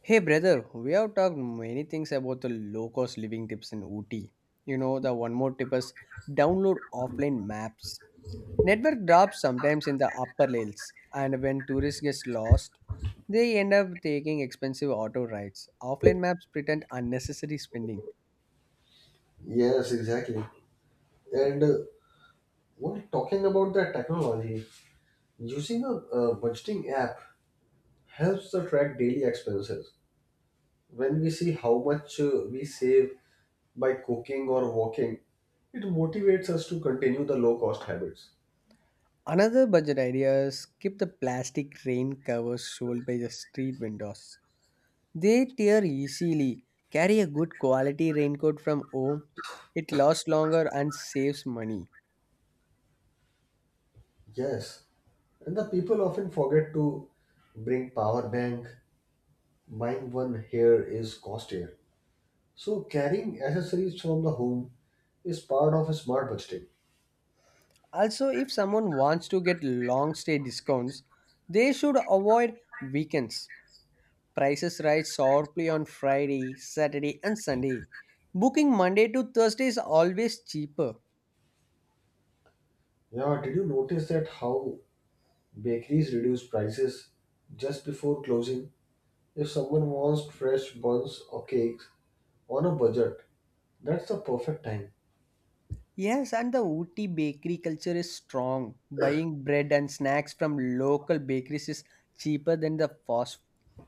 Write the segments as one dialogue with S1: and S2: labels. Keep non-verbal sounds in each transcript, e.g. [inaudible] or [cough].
S1: Hey brother, we have talked many things about the low cost living tips in Ooty. You know, the one more tip is download offline maps. Network drops sometimes in the upper hills, and when tourists get lost, they end up taking expensive auto rides. Offline maps pretend unnecessary spending.
S2: Yes, exactly. And While talking about that technology, using a budgeting app helps to track daily expenses. When we see how much we save by cooking or walking, it motivates us to continue the low cost habits.
S1: Another budget idea is keep the plastic rain covers sold by the street vendors. They tear easily. Carry a good quality raincoat from home. It lasts longer and saves money.
S2: Yes, and the people often forget to bring power bank. Buying one here is costlier. So carrying accessories from the home is part of a smart budgeting.
S1: Also, if someone wants to get long stay discounts, they should avoid weekends. Prices rise sharply on Friday, Saturday, and Sunday. Booking Monday to Thursday is always cheaper.
S2: Yeah, did you notice that how bakeries reduce prices just before closing if someone wants fresh buns or cakes on a budget? That's the perfect time.
S1: Yes, and the Ooty bakery culture is strong. Buying bread and snacks from local bakeries is cheaper than the fast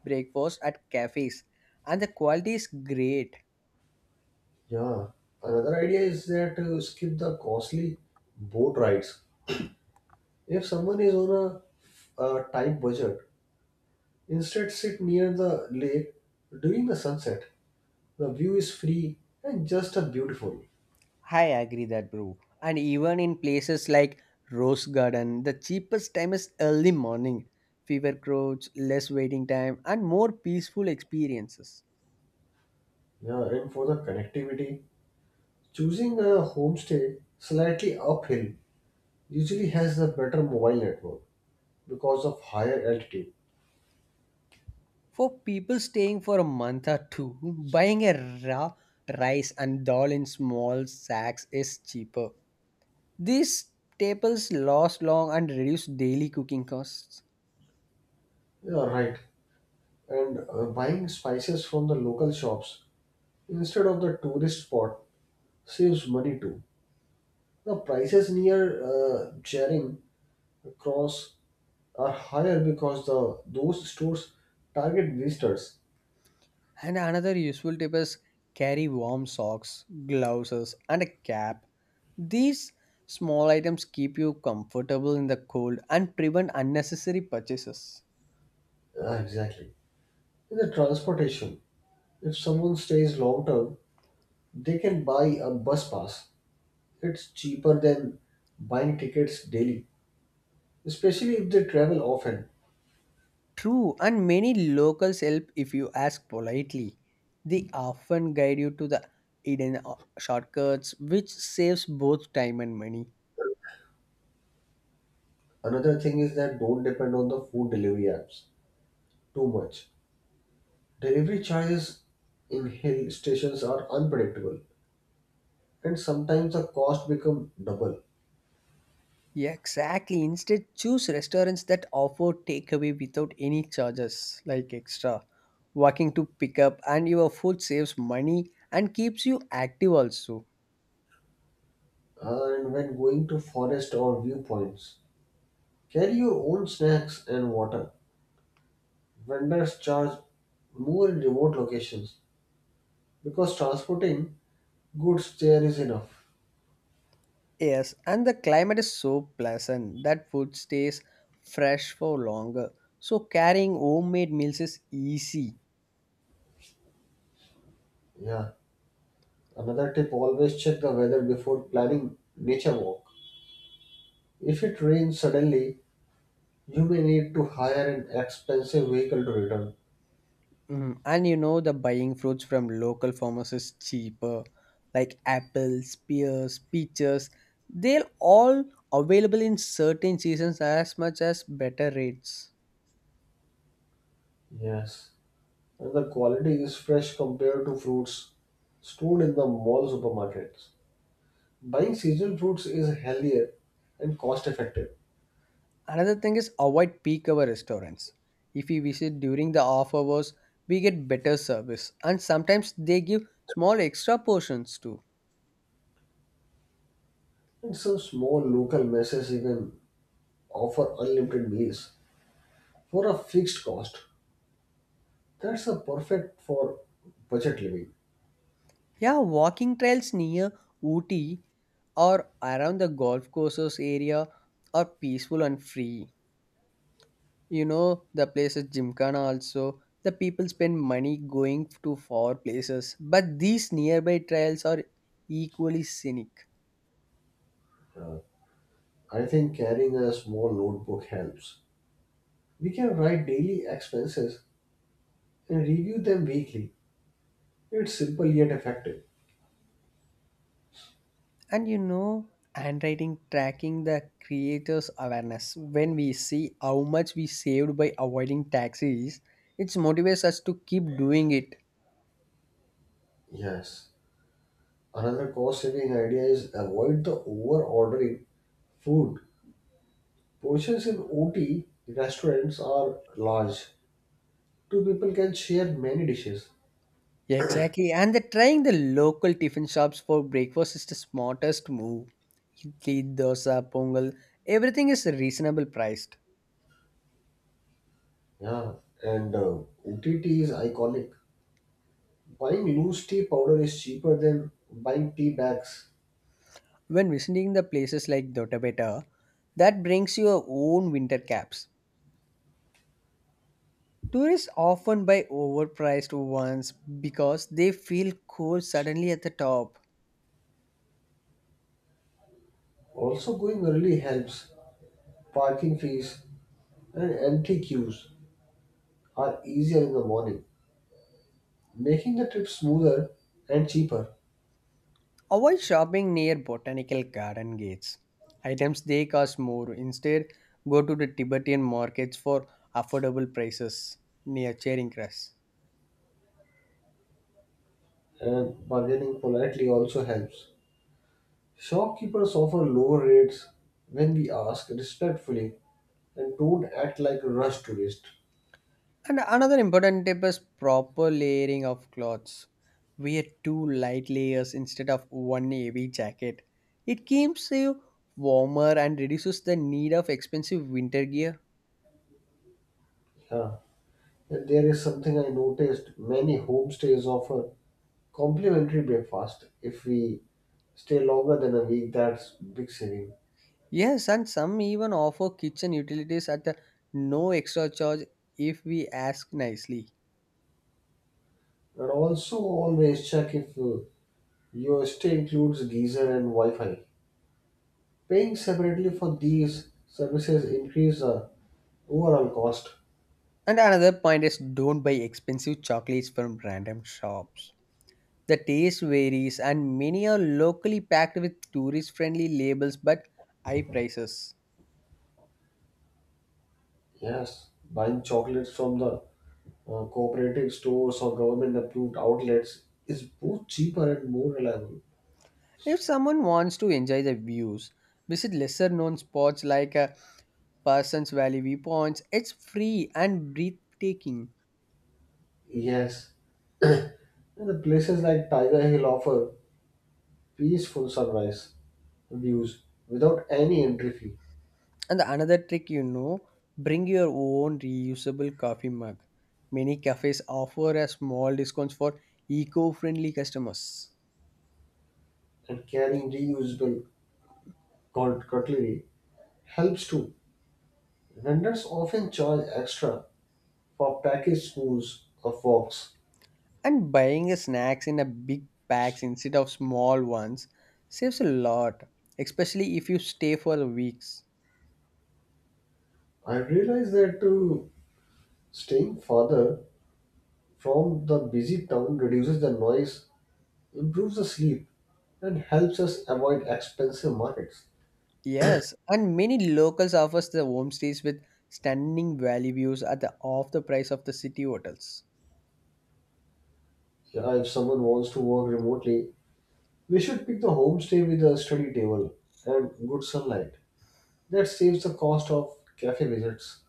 S1: breakfast at cafes, and the quality is great.
S2: Yeah. Another idea is that skip the costly boat rides. If someone is on a tight budget, instead sit near the lake during the sunset. The view is free and just a beautiful.
S1: I agree that, bro. And even in places like Rose Garden, the cheapest time is early morning. Fewer crowds, less waiting time, and more peaceful experiences.
S2: Yeah, and for the connectivity, choosing a homestay slightly uphill usually has a better mobile network because of higher altitude.
S1: For people staying for a month or two, buying a raw rice and dal in small sacks is cheaper. These staples last long and reduce daily cooking costs.
S2: Yeah, right. And Buying spices from the local shops instead of the tourist spot saves money too. The prices near Charing Cross are higher because the those stores target visitors.
S1: And another useful tip is carry warm socks, gloves, and a cap. These small items keep you comfortable in the cold and prevent unnecessary purchases.
S2: Ah, exactly. In the transportation, if someone stays long term, they can buy a bus pass. It's cheaper than buying tickets daily, especially if they travel often.
S1: True, and many locals help if you ask politely. They often guide you to the hidden shortcuts, which saves both time and money.
S2: Another thing is that don't depend on the food delivery apps too much. Delivery charges in hill stations are unpredictable and sometimes the cost become double.
S1: Yeah, exactly. Instead, choose restaurants that offer takeaway without any charges, like extra walking to pick up, and your food saves money and keeps you active also.
S2: And when going to forest or viewpoints, carry your own snacks and water. Vendors charge more in remote locations because transporting goods there is enough.
S1: Yes, and the climate is so pleasant that food stays fresh for longer. So carrying homemade meals is easy.
S2: Yeah. Another tip, always check the weather before planning nature walk. If it rains suddenly, you may need to hire an expensive vehicle to return.
S1: Mhm. And you know, the buying fruits from local farmers is cheaper, like apples, pears, peaches. They're all available in certain seasons as much as better rates.
S2: Yes, and the quality is fresh compared to fruits stored in the mall supermarkets. Buying seasonal fruits is healthier and cost effective,
S1: Another thing is avoid peak hour restaurants. If we visit during the off hours, we get better service, and sometimes they give small extra portions too.
S2: and some small local messes even offer unlimited meals for a fixed cost. That's a perfect for budget living.
S1: Yeah, walking trails near Ooty or around the golf courses area are peaceful and free. You know, the places Gymkhana also, the people spend money going to far places, but these nearby trails are equally scenic.
S2: I think carrying a small notebook helps. We can write daily expenses and review them weekly. It's simple yet effective.
S1: And you know, handwriting tracking the creators' awareness. When we see how much we saved by avoiding taxis, it motivates us to keep doing it.
S2: Yes. Another cost saving idea is avoid the over ordering food. Portions in OT restaurants are large. Two people can share many dishes.
S1: Exactly, and the trying the local tiffin shops for breakfast is the smartest move. Idli, dosa, pongal, everything is reasonable priced.
S2: Yeah, and OT tea is iconic. Buying loose tea powder is cheaper than buying tea bags.
S1: When visiting the places like Dotabeta, that brings your own winter caps. Tourists often buy overpriced ones because they feel cold suddenly at the top.
S2: Also, going early helps. Parking fees and empty queues are easier in the morning, making the trip smoother and cheaper.
S1: Avoid shopping near botanical garden gates. Items they cost more. Instead, go to the Tibetan markets for affordable prices near Charing Cross.
S2: And bargaining politely also helps. Shopkeepers offer lower rates when we ask respectfully and don't act like rush tourists.
S1: And another important tip is proper layering of clothes. Wear two light layers instead of one heavy jacket. It keeps you warmer and reduces the need of expensive winter gear.
S2: Yeah. And there is something I noticed, many homestays offer complimentary breakfast if we stay longer than a week. That's big saving.
S1: Yes, and some even offer kitchen utilities at a no extra charge if we ask nicely.
S2: And also always check if your stay includes geyser and Wi-Fi. Paying separately for these services increase the overall cost.
S1: And another point is don't buy expensive chocolates from random shops. The taste varies and many are locally packed with tourist friendly labels but high prices.
S2: Yes, buying chocolates from the cooperative stores or government approved outlets is both cheaper and more reliable.
S1: If someone wants to enjoy the views, visit lesser known spots like Parsons Valley viewpoints. It's free and breathtaking.
S2: Yes, [coughs] [clears throat] and the places like Tiger Hill offer peaceful sunrise views without any entry fee,
S1: And the another trick you know, bring your own reusable coffee mug. Many cafes offer a small discounts for eco-friendly customers.
S2: and carrying reusable cutlery helps too. Vendors often charge extra for packaged spoons or forks.
S1: And buying a snacks in a big packs instead of small ones saves a lot, especially if you stay for weeks.
S2: I realize that staying farther from the busy town reduces the noise, improves the sleep, and helps us avoid expensive markets.
S1: Yes, and many locals offers the homestays with stunning valley views at the half the price of the city hotels.
S2: Yeah, if someone wants to work remotely, we should pick the homestay with a study table and good sunlight. That saves the cost of cafe visits.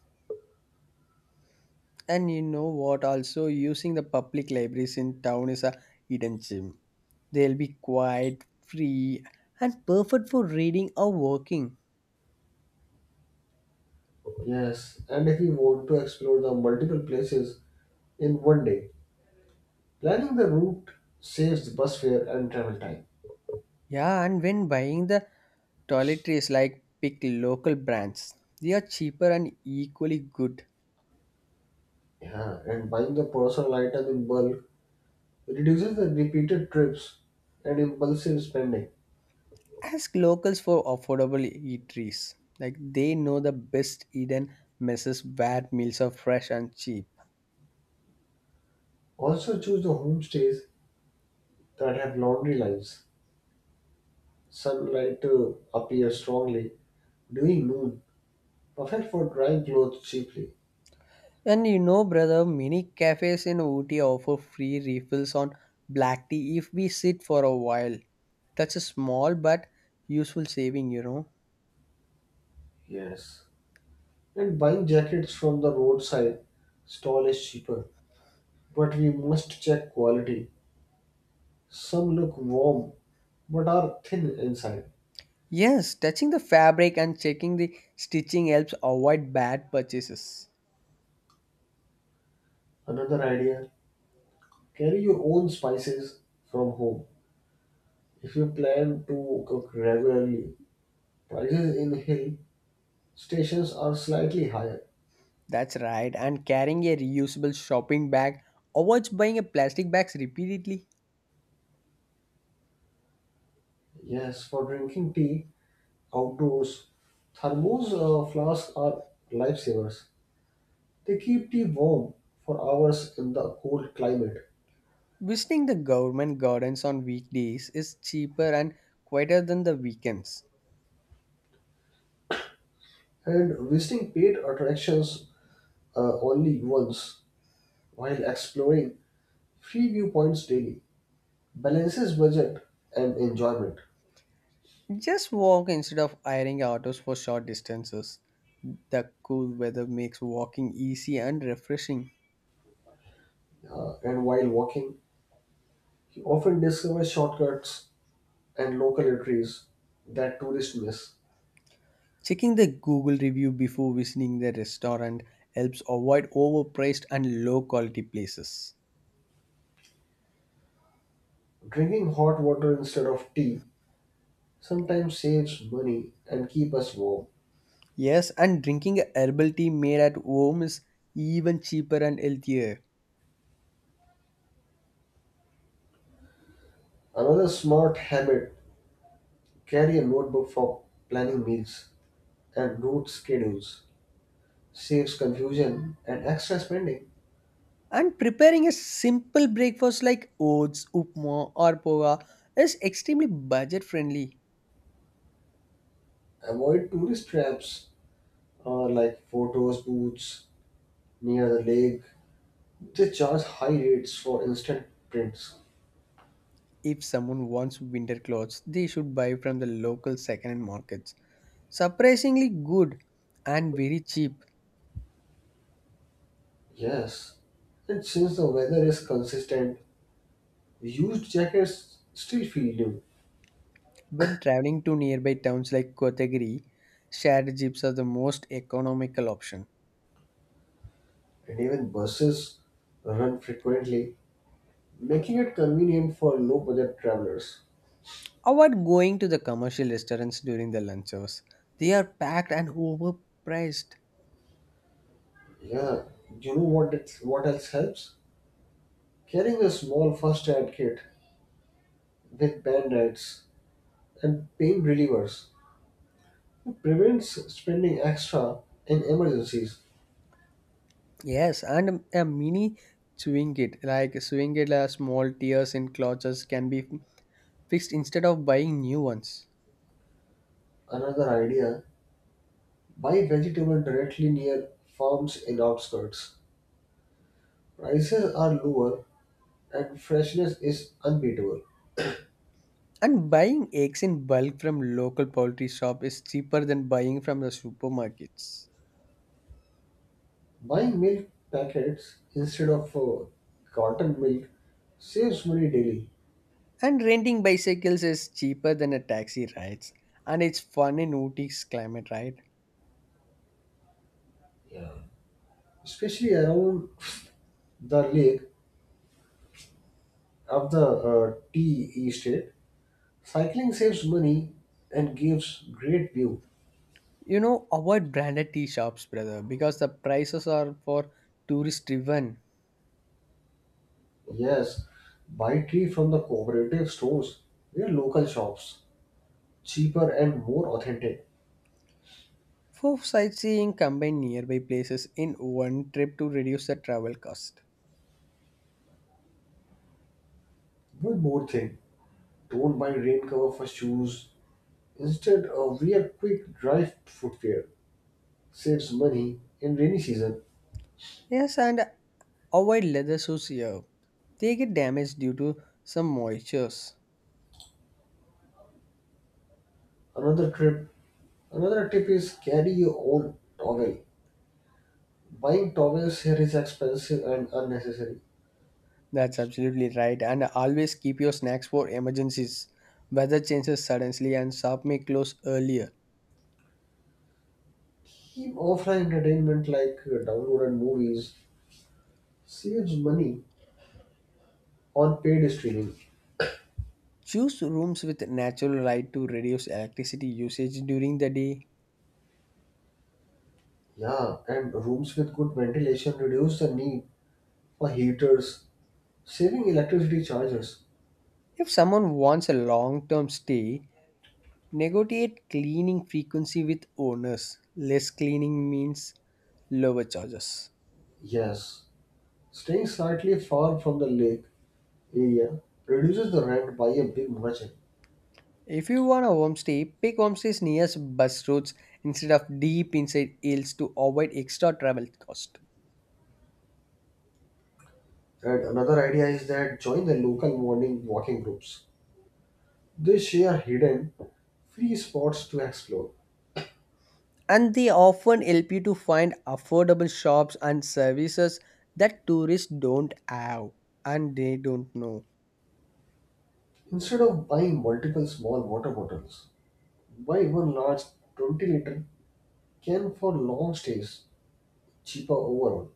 S1: And you know what? Also, using the public libraries in town is a hidden gem. They'll be quiet, free, and perfect for reading or working.
S2: Yes, and if we want to explore the multiple places in one day, planning the route saves the bus fare and travel time.
S1: Yeah, and when buying the toiletries, like pick local brands. They are cheaper and equally good.
S2: Yeah, and buying the personal item in bulk reduces the repeated trips and impulsive spending.
S1: Ask locals for affordable eateries. Like they know the best hidden messes where meals are fresh and cheap.
S2: Also, choose the homestays that had laundry lines. Sunlight appeared strongly during noon, perfect for drying clothes cheaply.
S1: And you know, brother, many cafes in Ooty offer free refills on black tea if we sit for a while. That's a small but useful saving, you know.
S2: Yes. And buying jackets from the roadside stall is cheaper. But we must check quality. Some look warm but are thin inside.
S1: Yes, touching the fabric and checking the stitching helps avoid bad purchases.
S2: Another idea, carry your own spices from home. If you plan to cook regularly, prices in hill stations are slightly higher.
S1: That's right, and carrying a reusable shopping bag avoids buying a plastic bags repeatedly.
S2: Yes, for drinking tea, outdoors. Thermos flasks are lifesavers. They keep tea warm for hours in the cold climate.
S1: Visiting the government gardens on weekdays is cheaper and quieter than the weekends.
S2: And visiting paid attractions only once while exploring free viewpoints daily balances budget and enjoyment.
S1: Just walk instead of hiring autos for short distances. The cool weather makes walking easy and refreshing.
S2: And while walking, he often discovers shortcuts and local eateries that tourists miss.
S1: Checking the Google review before visiting the restaurant helps avoid overpriced and low quality places.
S2: Drinking hot water instead of tea sometimes saves money and keep us warm.
S1: Yes, and drinking a herbal tea made at home is even cheaper and healthier.
S2: Another smart habit, carry a notebook for planning meals and route schedules. Saves confusion and extra spending.
S1: And preparing a simple breakfast like oats, upma, or poha is extremely budget friendly.
S2: Avoid tourist traps like photos booths near the lake. They charge high rates for instant prints.
S1: If someone wants winter clothes, they should buy from the local second-hand markets. Surprisingly good and very cheap.
S2: Yes, and since the weather is consistent, used jackets still feel new,
S1: When traveling to nearby towns like Kotagiri, shared jeeps are the most economical option.
S2: and even buses run frequently, making it convenient for low budget travelers.
S1: Avoid going to the commercial restaurants during the lunch hours. They are packed and overpriced.
S2: Yeah, you know what? It, what else helps? Carrying a small first aid kit with band aids and pain relievers prevents spending extra in emergencies.
S1: Yes, and a mini swing it like swing it small tears in clutches can be fixed instead of buying new ones.
S2: Another idea, buy vegetables directly near farms in outskirts. Prices are lower and freshness is unbeatable.
S1: And buying eggs in bulk from local poultry shop is cheaper than buying from the supermarkets.
S2: Buying milk packets instead of carton milk saves money daily.
S1: And renting bicycles is cheaper than a taxi rides. And it's fun in Ooty's climate, right?
S2: Yeah. Especially around the lake of the tea estate. Cycling saves money and gives great view.
S1: You know, avoid branded tea shops, brother, because the prices are for tourist driven.
S2: Yes, buy tree from the cooperative stores. They are local shops, cheaper and more authentic.
S1: For sightseeing, combine nearby places in one trip to reduce the travel cost.
S2: One more thing, don't buy rain cover for shoes. Instead, wear quick dry footwear. Saves money in rainy season.
S1: Yes, and avoid leather shoes here. They get damaged due to some moistures.
S2: Another trip, Another tip is carry your own towel. Buying towels here is expensive and unnecessary.
S1: That's absolutely right, and always keep your snacks for emergencies. Weather changes suddenly, and shop may close earlier.
S2: Keep offline entertainment like downloaded movies. Saves money on paid streaming.
S1: Choose rooms with natural light to reduce electricity usage during the day.
S2: Yeah, and rooms with good ventilation reduce the need for heaters, saving electricity charges.
S1: If someone wants a long term stay, negotiate cleaning frequency with owners. Less cleaning means lower charges.
S2: Yes, staying slightly far from the lake area reduces the rent by a big margin.
S1: If you want a homestay, pick homestays near bus routes instead of deep inside hills to avoid extra travel cost.
S2: And another idea is that join the local morning walking groups. They share hidden free spots to explore.
S1: And they often help you to find affordable shops and services that tourists don't have and they don't know.
S2: Instead of buying multiple small water bottles, buy one large 20-liter can for long stays, cheaper overall.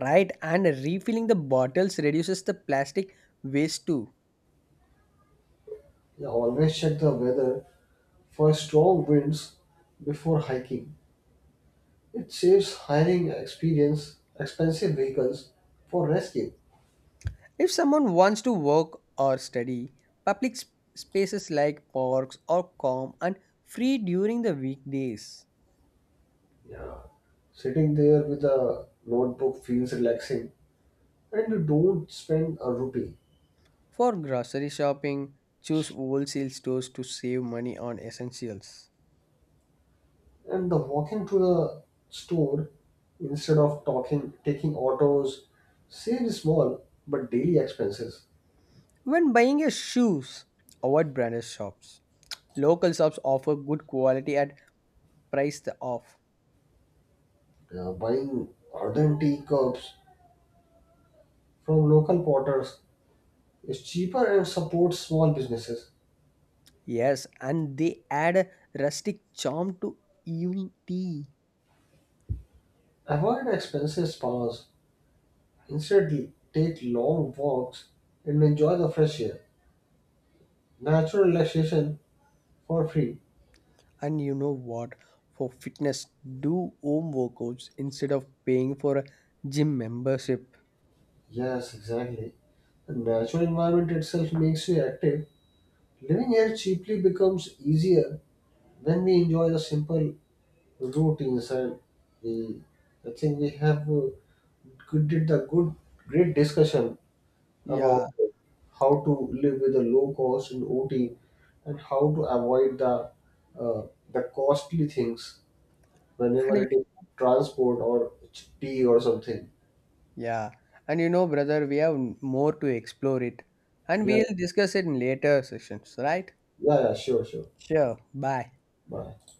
S1: Right, and refilling the bottles reduces the plastic waste too.
S2: Yeah, always check the weather for strong winds before hiking. It saves hiring experience expensive vehicles for rescue.
S1: If someone wants to work or study, public spaces like parks are calm and free during the weekdays.
S2: Yeah. Sitting there with a notebook feels relaxing and you don't spend a rupee.
S1: For grocery shopping, choose wholesale stores to save money on essentials.
S2: And the walking to the store instead of talking taking autos saves small but daily expenses.
S1: When buying your shoes, avoid branded shops. Local shops offer good quality at price the off.
S2: Yeah, buying Arden tea cups from local potters is cheaper and supports small businesses.
S1: Yes, and they add a rustic charm to evening tea.
S2: Avoid expensive spas. Instead, take long walks and enjoy the fresh air. Natural relaxation for free.
S1: And you know what? For fitness, do home workouts instead of paying for a gym membership.
S2: Yes, exactly. The natural environment itself makes you active. Living here cheaply becomes easier when we enjoy the simple routines and we. I think we have good, did a good, great discussion
S1: Yeah,
S2: about how to live with a low cost in OT and how to avoid uh, the costly things
S1: and
S2: whenever
S1: y-
S2: it is transport or tea or something.
S1: yeah, and you know, brother, we have more to explore it, and
S2: Yeah,
S1: we'll discuss it in later sessions, right?
S2: yeah, sure, sure.
S1: Sure. Bye.
S2: Bye.